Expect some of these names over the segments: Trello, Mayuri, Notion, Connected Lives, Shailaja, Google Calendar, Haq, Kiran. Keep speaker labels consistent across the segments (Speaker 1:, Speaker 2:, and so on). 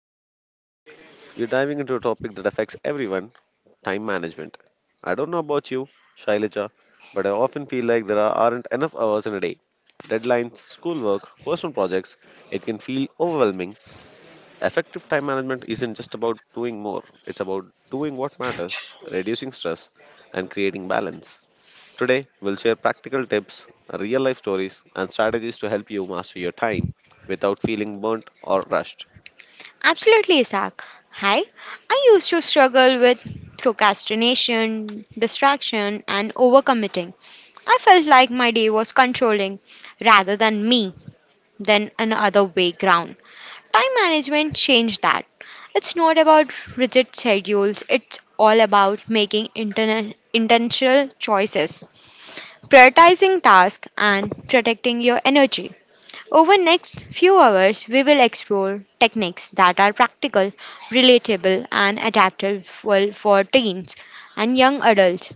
Speaker 1: episode. We're diving into a topic that affects everyone, time management. I don't know about you, Shailaja, but I often feel like aren't enough hours in a day. Deadlines, schoolwork, personal projects, it can feel overwhelming. Effective time management isn't just about doing more, it's about doing what matters, reducing stress, and creating balance. Today, we'll share practical tips, real life stories, and strategies to help you master your time without feeling burnt or rushed.
Speaker 2: Absolutely, Isaac. Hi. I used to struggle with procrastination, distraction, and overcommitting. I felt like my day was controlling rather than me than another way ground. Time management changed that. It's not about rigid schedules, it's all about making intentional choices, prioritizing tasks, and protecting your energy. Over next few hours we will explore techniques that are practical, relatable and adaptable for teens and young adults.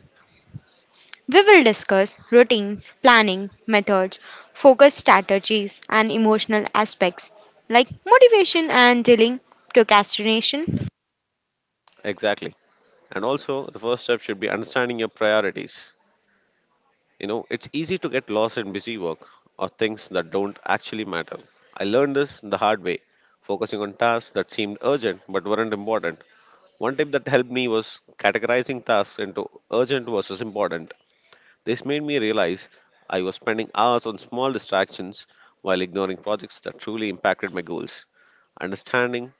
Speaker 2: We will discuss routines, planning, methods, focus strategies and emotional aspects like motivation and dealing procrastination.
Speaker 1: Exactly. And also, the first step should be understanding your priorities. You know, it's easy to get lost in busy work or things that don't actually matter. I learned this the hard way, focusing on tasks that seemed urgent but weren't important. One tip that helped me was categorizing tasks into urgent versus important. This made me realize I was spending hours on small distractions while ignoring projects that truly impacted my goals. Understanding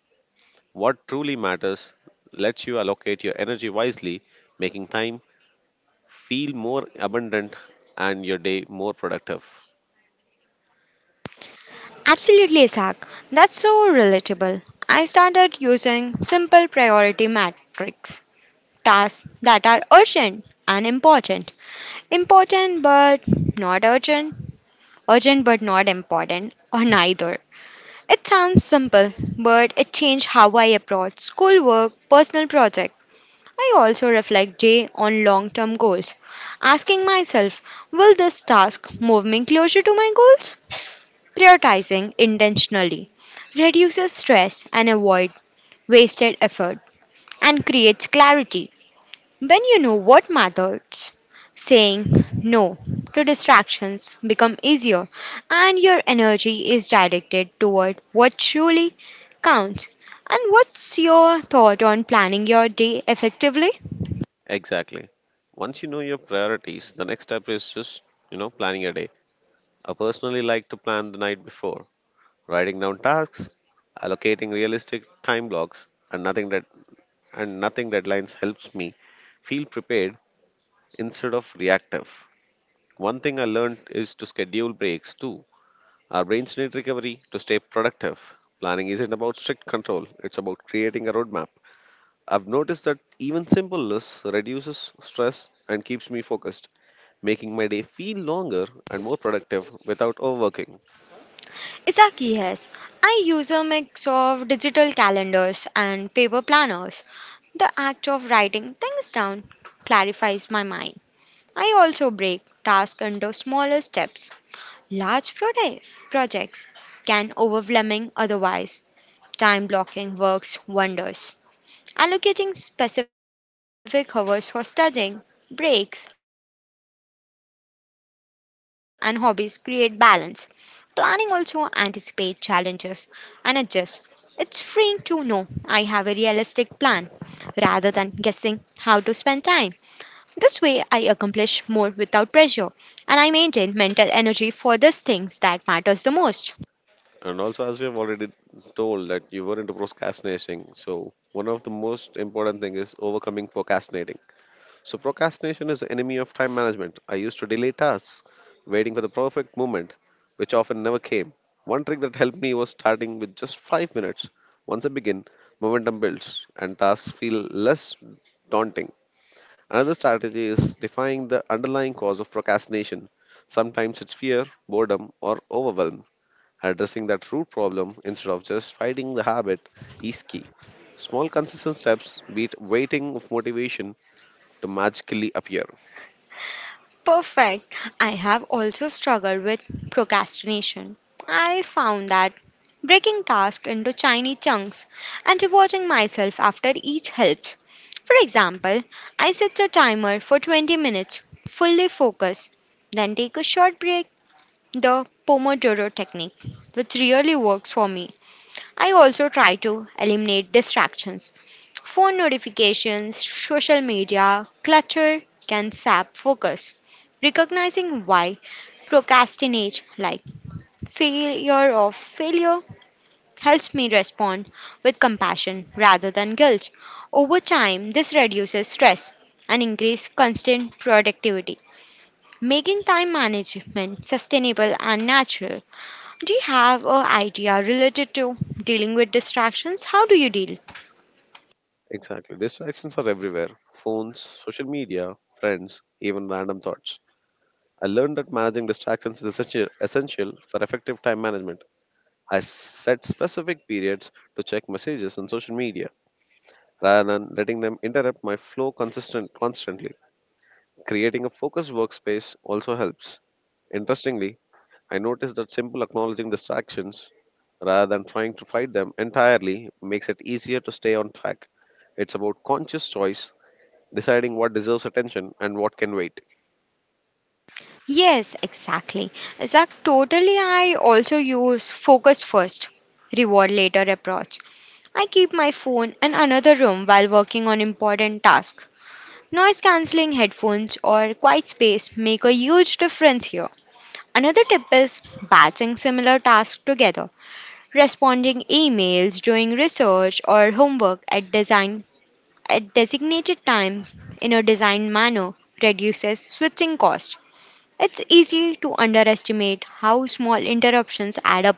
Speaker 1: what truly matters lets you allocate your energy wisely, making time feel more abundant and your day more productive.
Speaker 2: Absolutely, Isaac. That's so relatable. I started using simple priority matrix tasks that are urgent and important. Important but not urgent, urgent but not important, or neither. It sounds simple, but it changed how I approach schoolwork, personal project. I also reflect day on long-term goals, asking myself, will this task move me closer to my goals? Prioritizing intentionally reduces stress and avoid wasted effort and creates clarity. When you know what matters, saying no to distractions become easier and your energy is directed toward what truly counts. And what's your thought on planning your day effectively?
Speaker 1: Exactly. Once you know your priorities, the next step is just, planning your day. I personally like to plan the night before, writing down tasks, allocating realistic time blocks, and nothing that and nothing deadlines helps me feel prepared instead of reactive. One thing I learned is to schedule breaks too. Our brains need recovery to stay productive. Planning isn't about strict control, it's about creating a roadmap. I've noticed that even simple lists reduces stress and keeps me focused, making my day feel longer and more productive without overworking.
Speaker 2: Exactly, yes. I use a mix of digital calendars and paper planners. The act of writing things down clarifies my mind. I also break tasks into smaller steps. Large projects can overwhelming otherwise time blocking works wonders. Allocating specific hours for studying, breaks and hobbies create balance. Planning also anticipates challenges and adjusts. It's freeing to know I have a realistic plan rather than guessing how to spend time. This way I accomplish more without pressure and I maintain mental energy for these things that matters the most.
Speaker 1: And also, as we have already told that you were into procrastinating, so one of the most important thing is overcoming procrastinating. So procrastination is the enemy of time management. I used to delay tasks, waiting for the perfect moment, which often never came. One trick that helped me was starting with just 5 minutes. Once I begin, momentum builds and tasks feel less daunting. Another strategy is defining the underlying cause of procrastination. Sometimes it's fear, boredom, or overwhelm. Addressing that root problem instead of just fighting the habit is key. Small consistent steps beat waiting of motivation to magically appear.
Speaker 2: Perfect. I have also struggled with procrastination. I found that breaking tasks into tiny chunks and rewarding myself after each helps. For example, I set a timer for 20 minutes, fully focus, then take a short break. The Pomodoro technique, which really works for me. I also try to eliminate distractions. Phone notifications, social media, clutter can sap focus. Recognizing why procrastinate like failure or failure helps me respond with compassion rather than guilt. Over time, this reduces stress and increases constant productivity, making time management sustainable and natural. Do you have an idea related to dealing with distractions? How do you deal?
Speaker 1: Exactly. Distractions are everywhere, phones, social media, friends, even random thoughts. I learned that managing distractions is essential for effective time management. I set specific periods to check messages on social media rather than letting them interrupt my flow constantly. Creating a focused workspace also helps. Interestingly, I noticed that simple acknowledging distractions rather than trying to fight them entirely makes it easier to stay on track. It's about conscious choice, deciding what deserves attention and what can wait.
Speaker 2: Yes, exactly. Zach, totally. I also use focus first, reward later approach. I keep my phone in another room while working on important tasks. Noise cancelling headphones or quiet space make a huge difference here. Another tip is batching similar tasks together, responding emails, doing research or homework at designated time in a design manner reduces switching cost. It's easy to underestimate how small interruptions add up.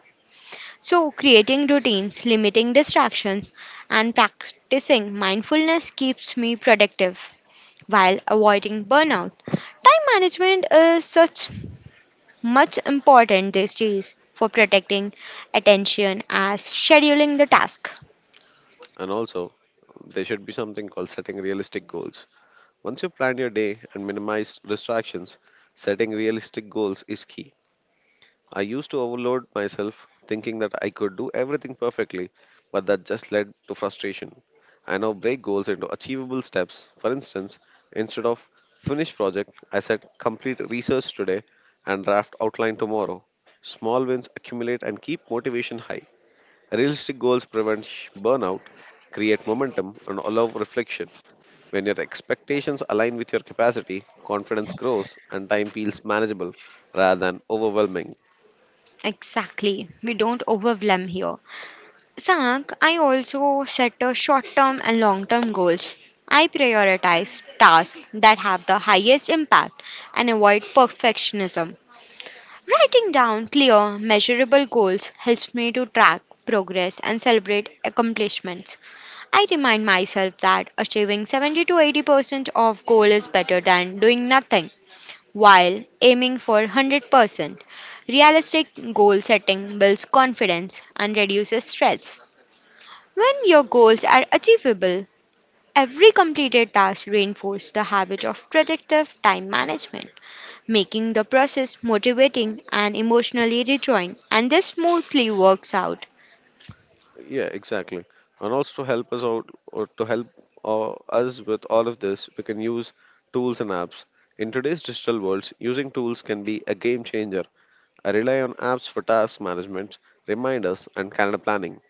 Speaker 2: So, creating routines, limiting distractions, and practicing mindfulness keeps me productive while avoiding burnout. Time management is such much important these days for protecting attention as scheduling the task.
Speaker 1: And also, there should be something called setting realistic goals. Once you've planned your day and minimized distractions, setting realistic goals is key. I used to overload myself thinking that I could do everything perfectly, but that just led to frustration. I now break goals into achievable steps. For instance, instead of finish project, I set complete research today and draft outline tomorrow. Small wins accumulate and keep motivation high. Realistic goals prevent burnout, create momentum, and allow reflection. When your expectations align with your capacity, confidence grows and time feels manageable rather than overwhelming.
Speaker 2: Exactly. We don't overwhelm here. Sank, I also set a short-term and long-term goals. I prioritize tasks that have the highest impact and avoid perfectionism. Writing down clear, measurable goals helps me to track progress and celebrate accomplishments. I remind myself that achieving 70 to 80% of goal is better than doing nothing while aiming for 100%. Realistic goal setting builds confidence and reduces stress. When your goals are achievable, every completed task reinforces the habit of productive time management, making the process motivating and emotionally rejoicing. And this smoothly works out.
Speaker 1: Yeah, exactly. And also, help us out or to help uh, us with all of this, we can use tools and apps. In today's digital worlds, using tools can be a game changer. I rely on apps for task management, reminders, and calendar planning.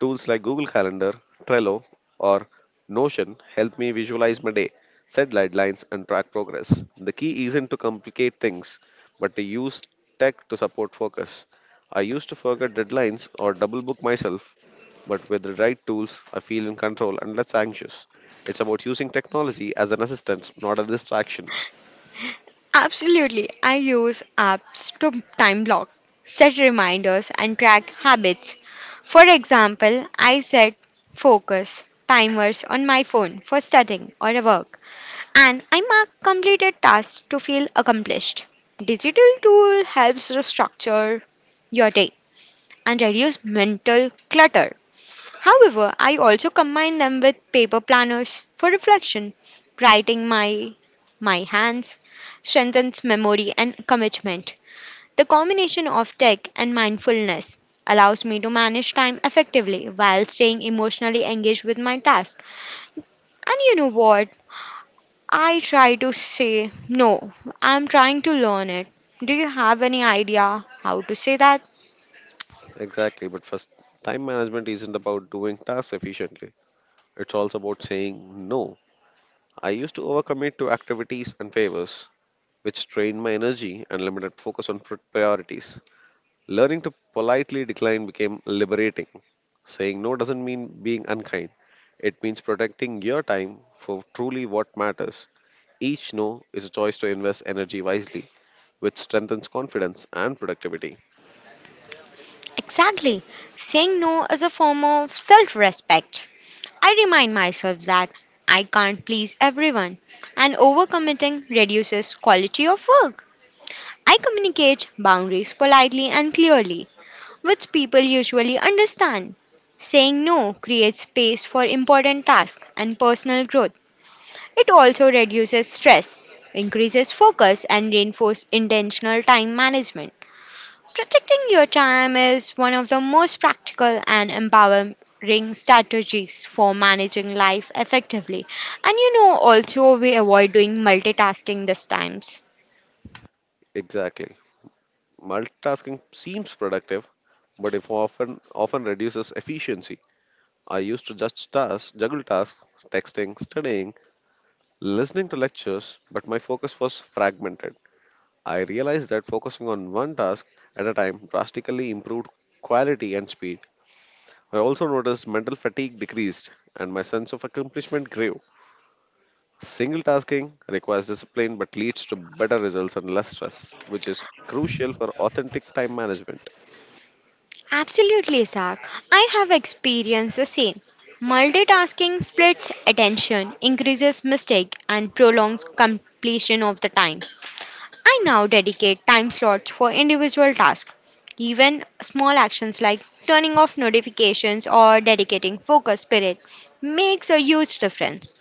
Speaker 1: Tools like Google Calendar, Trello, or Notion help me visualize my day, set deadlines, and track progress. The key isn't to complicate things, but to use tech to support focus. I used to forget deadlines or double book myself, but with the right tools, I feel in control and less anxious. It's about using technology as an assistant, not a distraction.
Speaker 2: Absolutely, I use apps to time block, set reminders, and track habits. For example, I set focus timers on my phone for studying or work and I mark completed tasks to feel accomplished. Digital tool helps to structure your day and reduce mental clutter. However, I also combine them with paper planners for reflection. Writing my hands strengthens memory and commitment. The combination of tech and mindfulness allows me to manage time effectively while staying emotionally engaged with my task. And you know what? I try to say, no, I'm trying to learn it. Do you have any idea how to say that?
Speaker 1: Exactly, but first, time management isn't about doing tasks efficiently. It's also about saying no. I used to overcommit to activities and favors, which drained my energy and limited focus on priorities. Learning to politely decline became liberating. Saying no doesn't mean being unkind, it means protecting your time for truly what matters. Each no is a choice to invest energy wisely, which strengthens confidence and productivity.
Speaker 2: Exactly. Saying no is a form of self respect. I remind myself that I can't please everyone, and overcommitting reduces quality of work. I communicate boundaries politely and clearly, which people usually understand. Saying no creates space for important tasks and personal growth. It also reduces stress, increases focus, and reinforces intentional time management. Protecting your time is one of the most practical and empowering strategies for managing life effectively. And you know, also, we avoid doing multitasking these times.
Speaker 1: Exactly. Multitasking seems productive, but if often often reduces efficiency. I used to juggle tasks, texting, studying, listening to lectures, but my focus was fragmented. I realized that focusing on one task at a time drastically improved quality and speed. I also noticed mental fatigue decreased and my sense of accomplishment grew. Single tasking requires discipline but leads to better results and less stress, which is crucial for authentic time management.
Speaker 2: Absolutely, Zach. I have experienced the same. Multitasking splits attention, increases mistake, and prolongs completion of the time. I now dedicate time slots for individual tasks. Even small actions like turning off notifications or dedicating focus period makes a huge difference.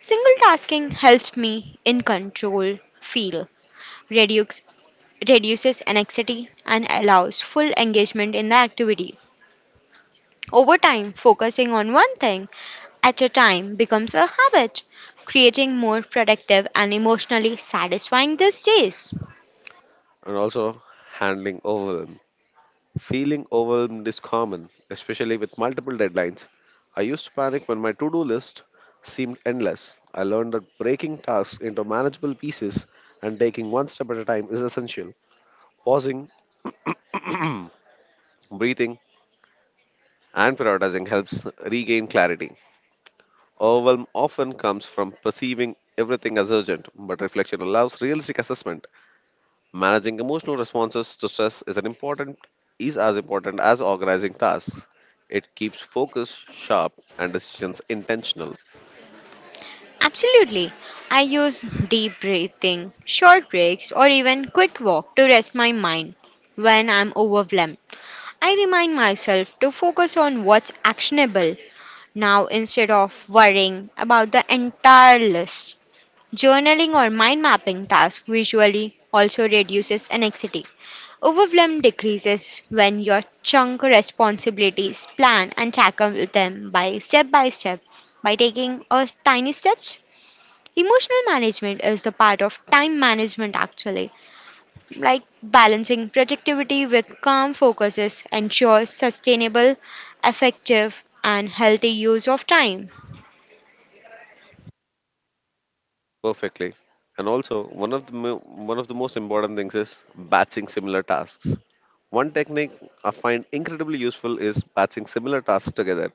Speaker 2: Single tasking helps me in control feel, reduce, reduces anxiety and allows full engagement in the activity. Over time, focusing on one thing at a time becomes a habit, creating more productive and emotionally satisfying these days.
Speaker 1: And also, handling overwhelm. Feeling overwhelmed is common, especially with multiple deadlines. I used to panic when my to do list seemed endless. I learned that breaking tasks into manageable pieces and taking one step at a time is essential. Pausing, breathing, and prioritizing helps regain clarity. Overwhelm often comes from perceiving everything as urgent, but reflection allows realistic assessment. Managing emotional responses to stress is an important is as important as organizing tasks. It keeps focus sharp and decisions intentional.
Speaker 2: Absolutely. I use deep breathing, short breaks, or even quick walk to rest my mind when I'm overwhelmed. I remind myself to focus on what's actionable now instead of worrying about the entire list. Journaling or mind mapping tasks visually also reduces anxiety. Overwhelm decreases when you chunk responsibilities, plan and tackle them by step by step by taking a tiny steps. Emotional management is the part of time management actually. Like balancing productivity with calm focuses ensures sustainable, effective, and healthy use of time.
Speaker 1: Perfectly. And also, one of the most important things is batching similar tasks. One technique I find incredibly useful is batching similar tasks together.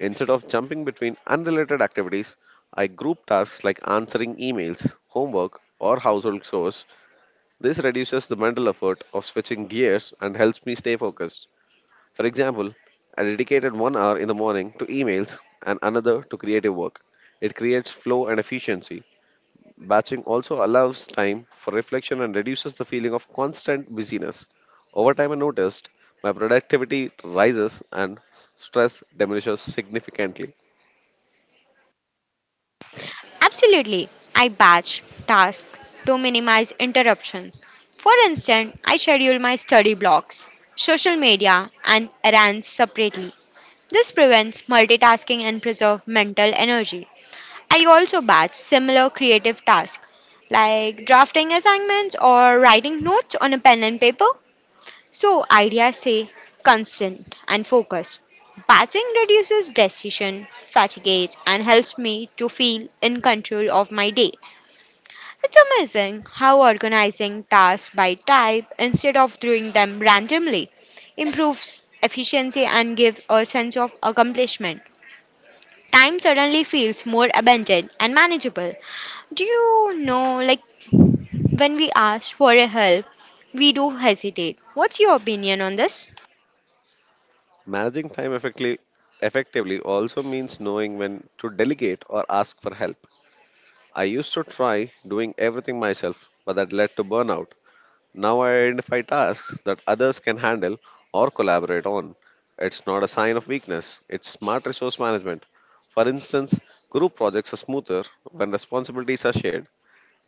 Speaker 1: Instead of jumping between unrelated activities, I group tasks like answering emails, homework, or household chores. This reduces the mental effort of switching gears and helps me stay focused. For example, I dedicated 1 hour in the morning to emails and another to creative work. It creates flow and efficiency. Batching also allows time for reflection and reduces the feeling of constant busyness. Over time, I noticed my productivity rises and stress diminishes significantly.
Speaker 2: Absolutely, I batch tasks to minimize interruptions. For instance, I schedule my study blocks, social media, and errands separately. This prevents multitasking and preserves mental energy. I also batch similar creative tasks like drafting assignments or writing notes on a pen and paper so ideas stay constant and focused. Batching reduces decision fatigue and helps me to feel in control of my day. It's amazing how organizing tasks by type instead of doing them randomly improves efficiency and gives a sense of accomplishment. Time suddenly feels more abundant and manageable. Do you know, like, when we ask for a help, we do hesitate. What's your opinion on this?
Speaker 1: Managing time effectively also means knowing when to delegate or ask for help. I used to try doing everything myself, but that led to burnout. Now I identify tasks that others can handle or collaborate on. It's not a sign of weakness, it's smart resource management. For instance, group projects are smoother when responsibilities are shared.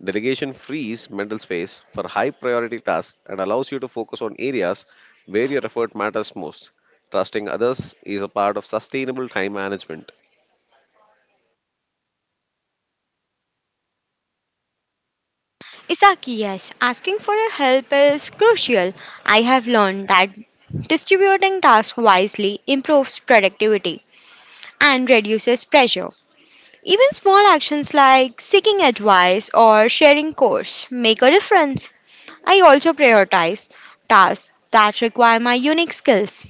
Speaker 1: Delegation frees mental space for high priority tasks and allows you to focus on areas where your effort matters most. Trusting others is a part of sustainable time management.
Speaker 2: Isaki, yes, asking for a help is crucial. I have learned that distributing tasks wisely improves productivity and reduces pressure. Even small actions like seeking advice or sharing course make a difference. I also prioritize tasks that require my unique skills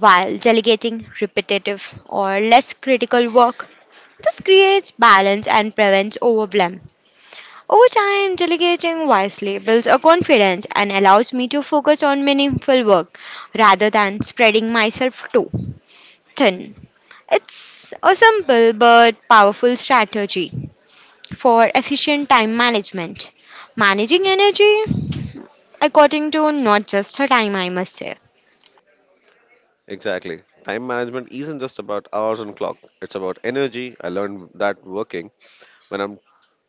Speaker 2: while delegating repetitive or less critical work. This creates balance and prevents overwhelm. Over time, delegating wisely builds a confidence and allows me to focus on meaningful work rather than spreading myself too thin. It's a simple but powerful strategy for efficient time management. Managing energy according to not just her time, I must say.
Speaker 1: Exactly. Time management isn't just about hours on clock. It's about energy. I learned that working. When I'm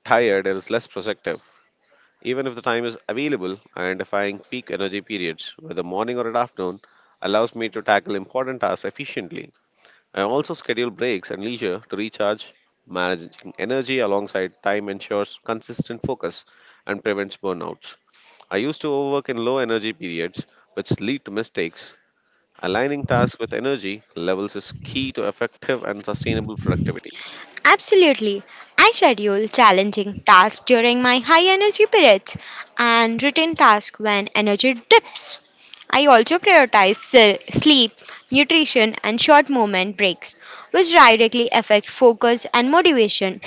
Speaker 1: tired, it is less productive. Even if the time is available, identifying peak energy periods, whether morning or at afternoon, allows me to tackle important tasks efficiently. I also schedule breaks and leisure to recharge. Managing energy alongside time ensures consistent focus and prevents burnouts. I used to overwork in low energy periods, which lead to mistakes. Aligning tasks with energy levels is key to effective and sustainable productivity.
Speaker 2: Absolutely. I schedule challenging tasks during my high energy periods and routine tasks when energy dips. I also prioritize sleep, nutrition, and short movement breaks, which directly affect focus and motivation.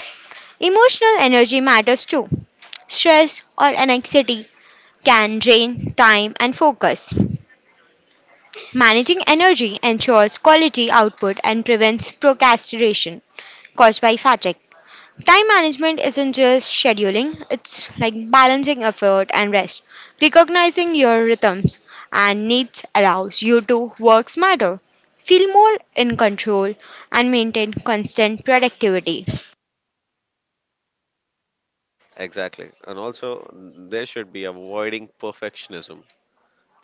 Speaker 2: Emotional energy matters too. Stress or anxiety can drain time and focus. Managing energy ensures quality output and prevents procrastination caused by fatigue. Time management isn't just scheduling, it's like balancing effort and rest. Recognizing your rhythms and needs allows you to work smarter, feel more in control, and maintain constant productivity.
Speaker 1: Exactly. And also, there should be avoiding perfectionism.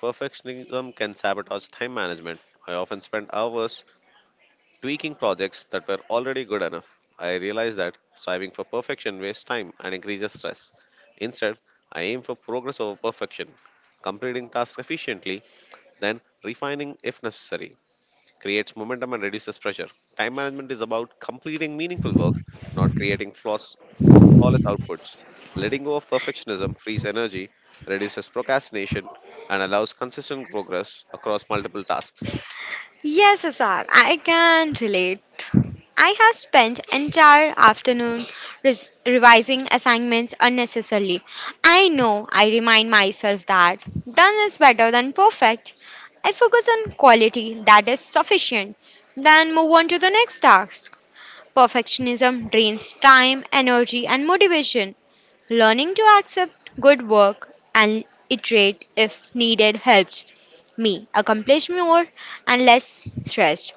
Speaker 1: Perfectionism can sabotage time management. I often spend hours tweaking projects that were already good enough. I realize that striving for perfection wastes time and increases stress. Instead, I aim for progress over perfection, completing tasks efficiently, then refining if necessary. Creates momentum and reduces pressure. Time management is about completing meaningful work, not flawless outputs. Letting go of perfectionism frees energy, reduces procrastination, and allows consistent progress across multiple tasks.
Speaker 2: Yes, Asar, I can relate. I have spent entire afternoon revising assignments unnecessarily. I know I remind myself that done is better than perfect. I focus on quality that is sufficient, then move on to the next task. Perfectionism drains time, energy, and motivation. Learning to accept good work and iterate if needed helps me accomplish more and less stressed.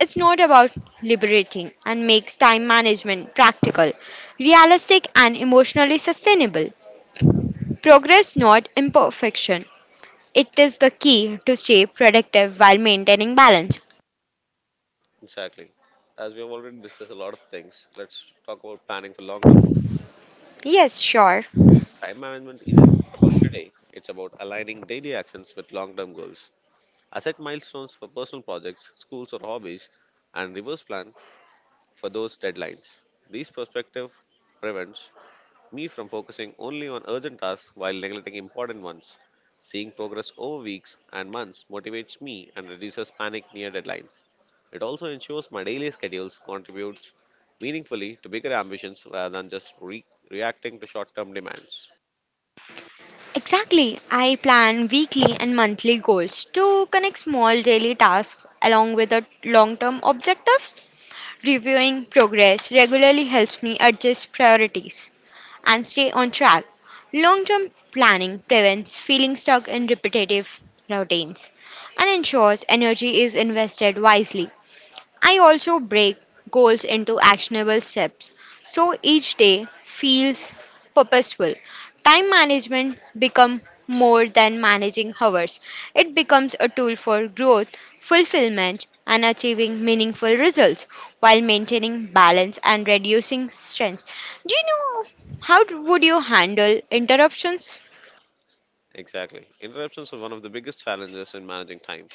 Speaker 2: It's not about liberating and makes time management practical, realistic, and emotionally sustainable. Progress, not imperfection. It is the key to stay productive while maintaining balance.
Speaker 1: Exactly. As we have already discussed a lot of things, let's talk about planning for long term goals.
Speaker 2: Yes, sure.
Speaker 1: Time management isn't just about today, it's about aligning daily actions with long term goals. Asset milestones for personal projects, schools, or hobbies, and reverse plan for those deadlines. These perspectives prevents me from focusing only on urgent tasks while neglecting important ones. Seeing progress over weeks and months motivates me and reduces panic near deadlines. It also ensures my daily schedules contributes meaningfully to bigger ambitions rather than just reacting to short-term demands.
Speaker 2: Exactly. I plan weekly and monthly goals to connect small daily tasks along with the long term objectives. Reviewing progress regularly helps me adjust priorities and stay on track. Long term planning prevents feeling stuck in repetitive routines and ensures energy is invested wisely. I also break goals into actionable steps so each day feels purposeful. Time management becomes more than managing hours. It becomes a tool for growth, fulfillment, and achieving meaningful results while maintaining balance and reducing stress. Do you know how would you handle interruptions?
Speaker 1: Exactly. Interruptions are one of the biggest challenges in managing time.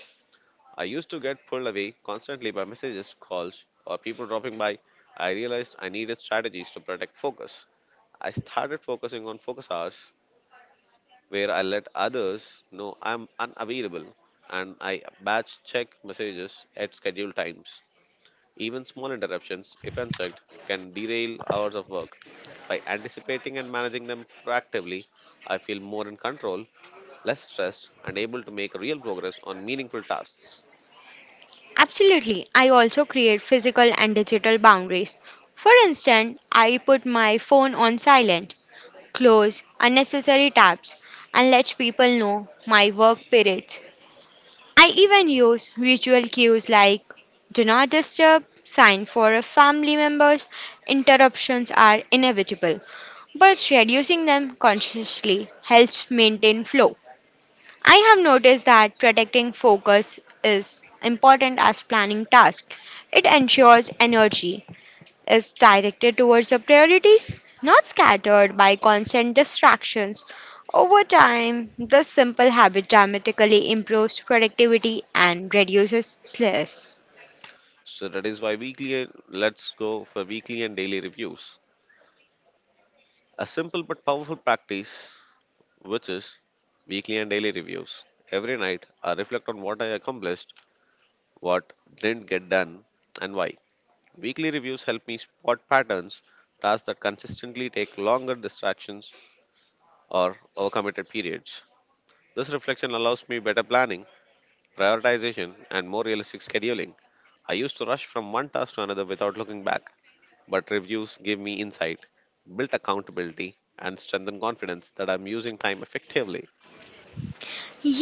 Speaker 1: I used to get pulled away constantly by messages, calls, or people dropping by. I realized I needed strategies to protect focus. I started focusing on focus hours where I let others know I'm unavailable and I batch check messages at scheduled times. Even small interruptions, if unchecked, can derail hours of work. By anticipating and managing them proactively, I feel more in control, less stressed, and able to make real progress on meaningful tasks.
Speaker 2: Absolutely. I also create physical and digital boundaries. For instance, I put my phone on silent, close unnecessary tabs, and let people know my work periods. I even use visual cues like do not disturb sign for a family members. Interruptions are inevitable, but reducing them consciously helps maintain flow. I have noticed that protecting focus is important as planning tasks. It ensures energy is directed towards your priorities, not scattered by constant distractions. Over time, this simple habit dramatically improves productivity and reduces stress.
Speaker 1: So that is why weekly let's go for weekly and daily reviews. A simple but powerful practice which is weekly and daily reviews. Every night I reflect on what I accomplished, what didn't get done and why. Weekly reviews help me spot patterns, tasks that consistently take longer distractions or overcommitted periods. This reflection allows me better planning, prioritization and more realistic scheduling. I used to rush from one task to another without looking back, but reviews give me insight, built accountability, and strengthen confidence that I'm using time effectively.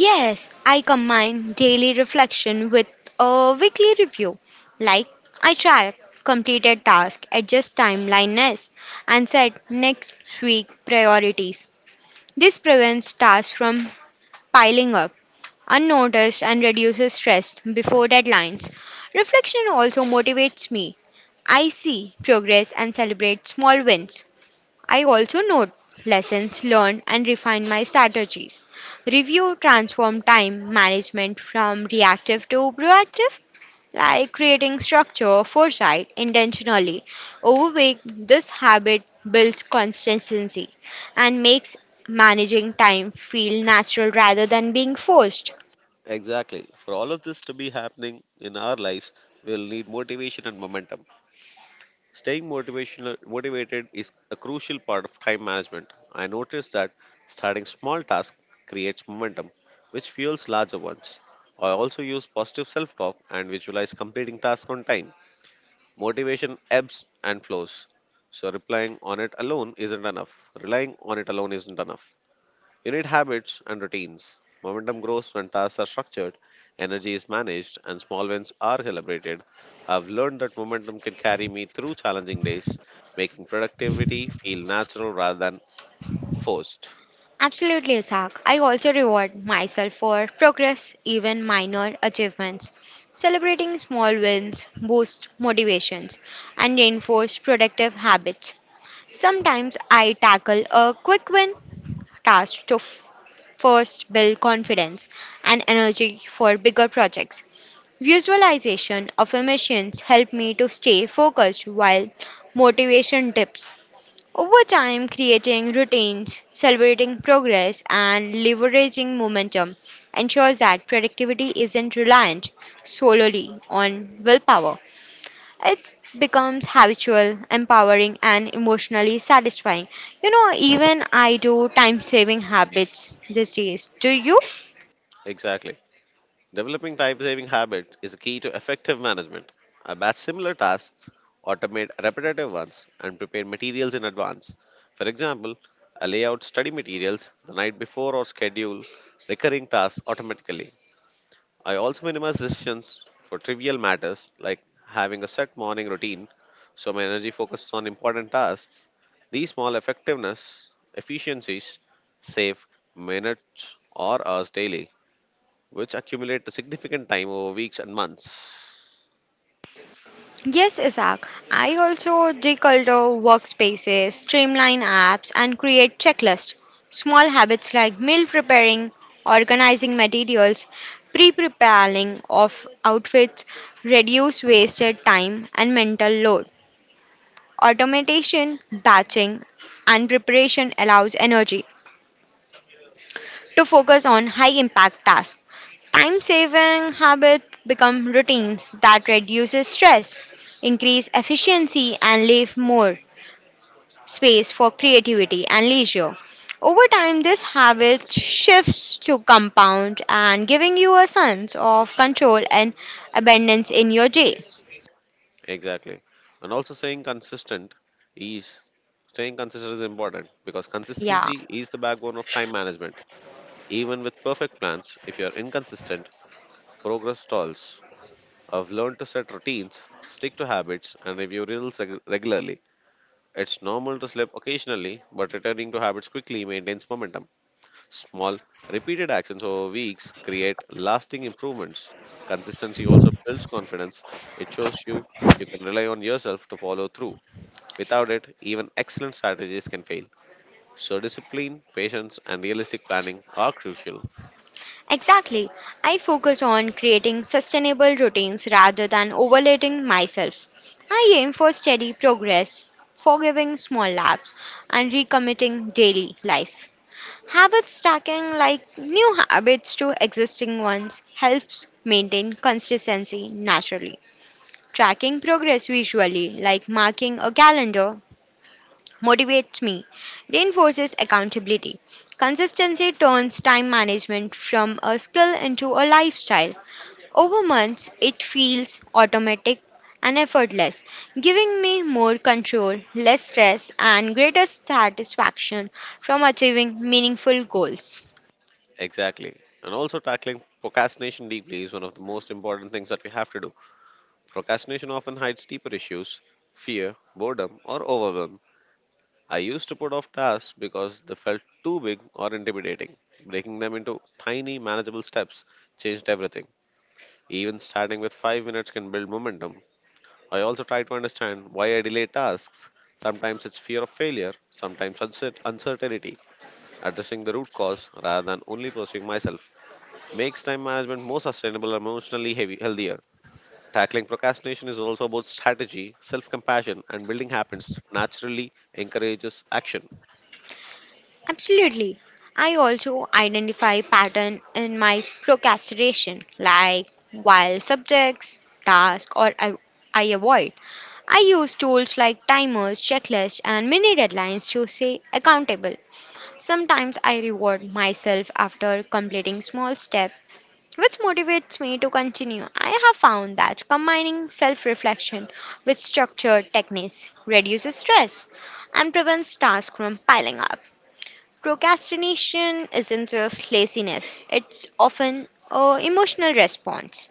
Speaker 2: Yes, I combine daily reflection with a weekly review. Like I track completed tasks, adjust timelines, and set next week priorities. This prevents tasks from piling up unnoticed and reduces stress before deadlines. Reflection also motivates me. I see progress and celebrate small wins. I also note lessons learned and refine my strategies. Review transform time management from reactive to proactive, like creating structure, foresight intentionally. Over week, this habit builds consistency and makes managing time feel natural rather than being forced.
Speaker 1: Exactly. For all of this to be happening in our lives, we'll need motivation and momentum. Staying motivated is a crucial part of time management. I noticed that starting small tasks creates momentum, which fuels larger ones. I also use positive self talk and visualize completing tasks on time. Motivation ebbs and flows. So replying on it alone isn't enough. Relying on it alone isn't enough. You need habits and routines. Momentum grows when tasks are structured, energy is managed, and small wins are celebrated. I've learned that momentum can carry me through challenging days, making productivity feel natural rather than forced.
Speaker 2: Absolutely, Ishaq. I also reward myself for progress, even minor achievements. Celebrating small wins boosts motivations and reinforce productive habits. Sometimes I tackle a quick win task to first build confidence and energy for bigger projects. Visualization affirmations help me to stay focused while motivation dips. Over time, creating routines, celebrating progress, and leveraging momentum ensures that productivity isn't reliant solely on willpower. It becomes habitual, empowering, and emotionally satisfying. You know, even I do time saving habits these days. Do you?
Speaker 1: Exactly. Developing time saving habits is a key to effective management. I batch similar tasks, automate repetitive ones, and prepare materials in advance. For example, I lay out study materials the night before or schedule recurring tasks automatically. I also minimize decisions for trivial matters like having a set morning routine so my energy focuses on important tasks. These small effectiveness efficiencies save minutes or hours daily which accumulate a significant time over weeks and months.
Speaker 2: Yes, Isaac. I also declutter workspaces, streamline apps, and create checklists. Small habits like meal preparing, organizing materials, pre-preparing of outfits reduce wasted time and mental load. Automation, batching, and preparation allows energy to focus on high impact tasks. Time saving habits become routines that reduces stress, increase efficiency and leave more space for creativity and leisure. Over time this habit shifts to compound and giving you a sense of control and abundance in your day.
Speaker 1: Exactly. And also, is staying consistent is important because
Speaker 2: Yeah.
Speaker 1: consistency is the backbone of time management. Even with perfect plans, if you're inconsistent, progress stalls. I've learned to set routines, stick to habits, and review results regularly. It's normal to slip occasionally, but returning to habits quickly maintains momentum. Small, repeated actions over weeks create lasting improvements. Consistency also builds confidence. It shows you can rely on yourself to follow through. Without it, even excellent strategies can fail. So, discipline, patience, and realistic planning are crucial.
Speaker 2: Exactly. I focus on creating sustainable routines rather than overloading myself. I aim for steady progress, forgiving small laps, and recommitting daily life. Habit stacking, like new habits to existing ones, helps maintain consistency naturally. Tracking progress visually, like marking a calendar, motivates me, reinforces accountability. Consistency turns time management from a skill into a lifestyle. Over months, it feels automatic and effortless, giving me more control, less stress, and greater satisfaction from achieving meaningful goals.
Speaker 1: Exactly. And also, tackling procrastination deeply is one of the most important things that we have to do. Procrastination often hides deeper issues, fear, boredom, or overwhelm. I used to put off tasks because they felt too big or intimidating. Breaking them into tiny, manageable steps changed everything. Even starting with 5 minutes can build momentum. I also try to understand why I delay tasks. Sometimes it's fear of failure, sometimes uncertainty. Addressing the root cause rather than only pursuing myself makes time management more sustainable and healthier. Tackling procrastination is also about strategy, self compassion, and building habits that naturally encourages action.
Speaker 2: Absolutely. I also identify pattern in my procrastination, like while subjects, tasks, or I avoid. I use tools like timers, checklists, and mini deadlines to stay accountable. Sometimes I reward myself after completing small steps, which motivates me to continue. I have found that combining self reflection with structured techniques reduces stress and prevents tasks from piling up. Procrastination isn't just laziness, it's often an emotional response,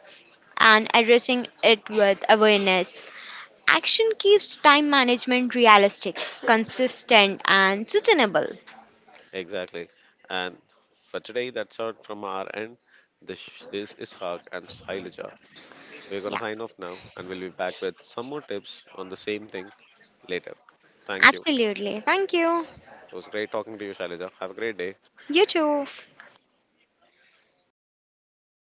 Speaker 2: and addressing it with awareness. Action keeps time management realistic, consistent, and sustainable.
Speaker 1: Exactly. And for today, that's all from our end. This is Haq and Shailaja. We're going to
Speaker 2: Yeah,
Speaker 1: sign off now and we'll be back with some more tips on the same thing later. Thank you. It
Speaker 2: absolutely. Thank you.
Speaker 1: was great talking to you, Shailaja. Have a great day.
Speaker 2: You too.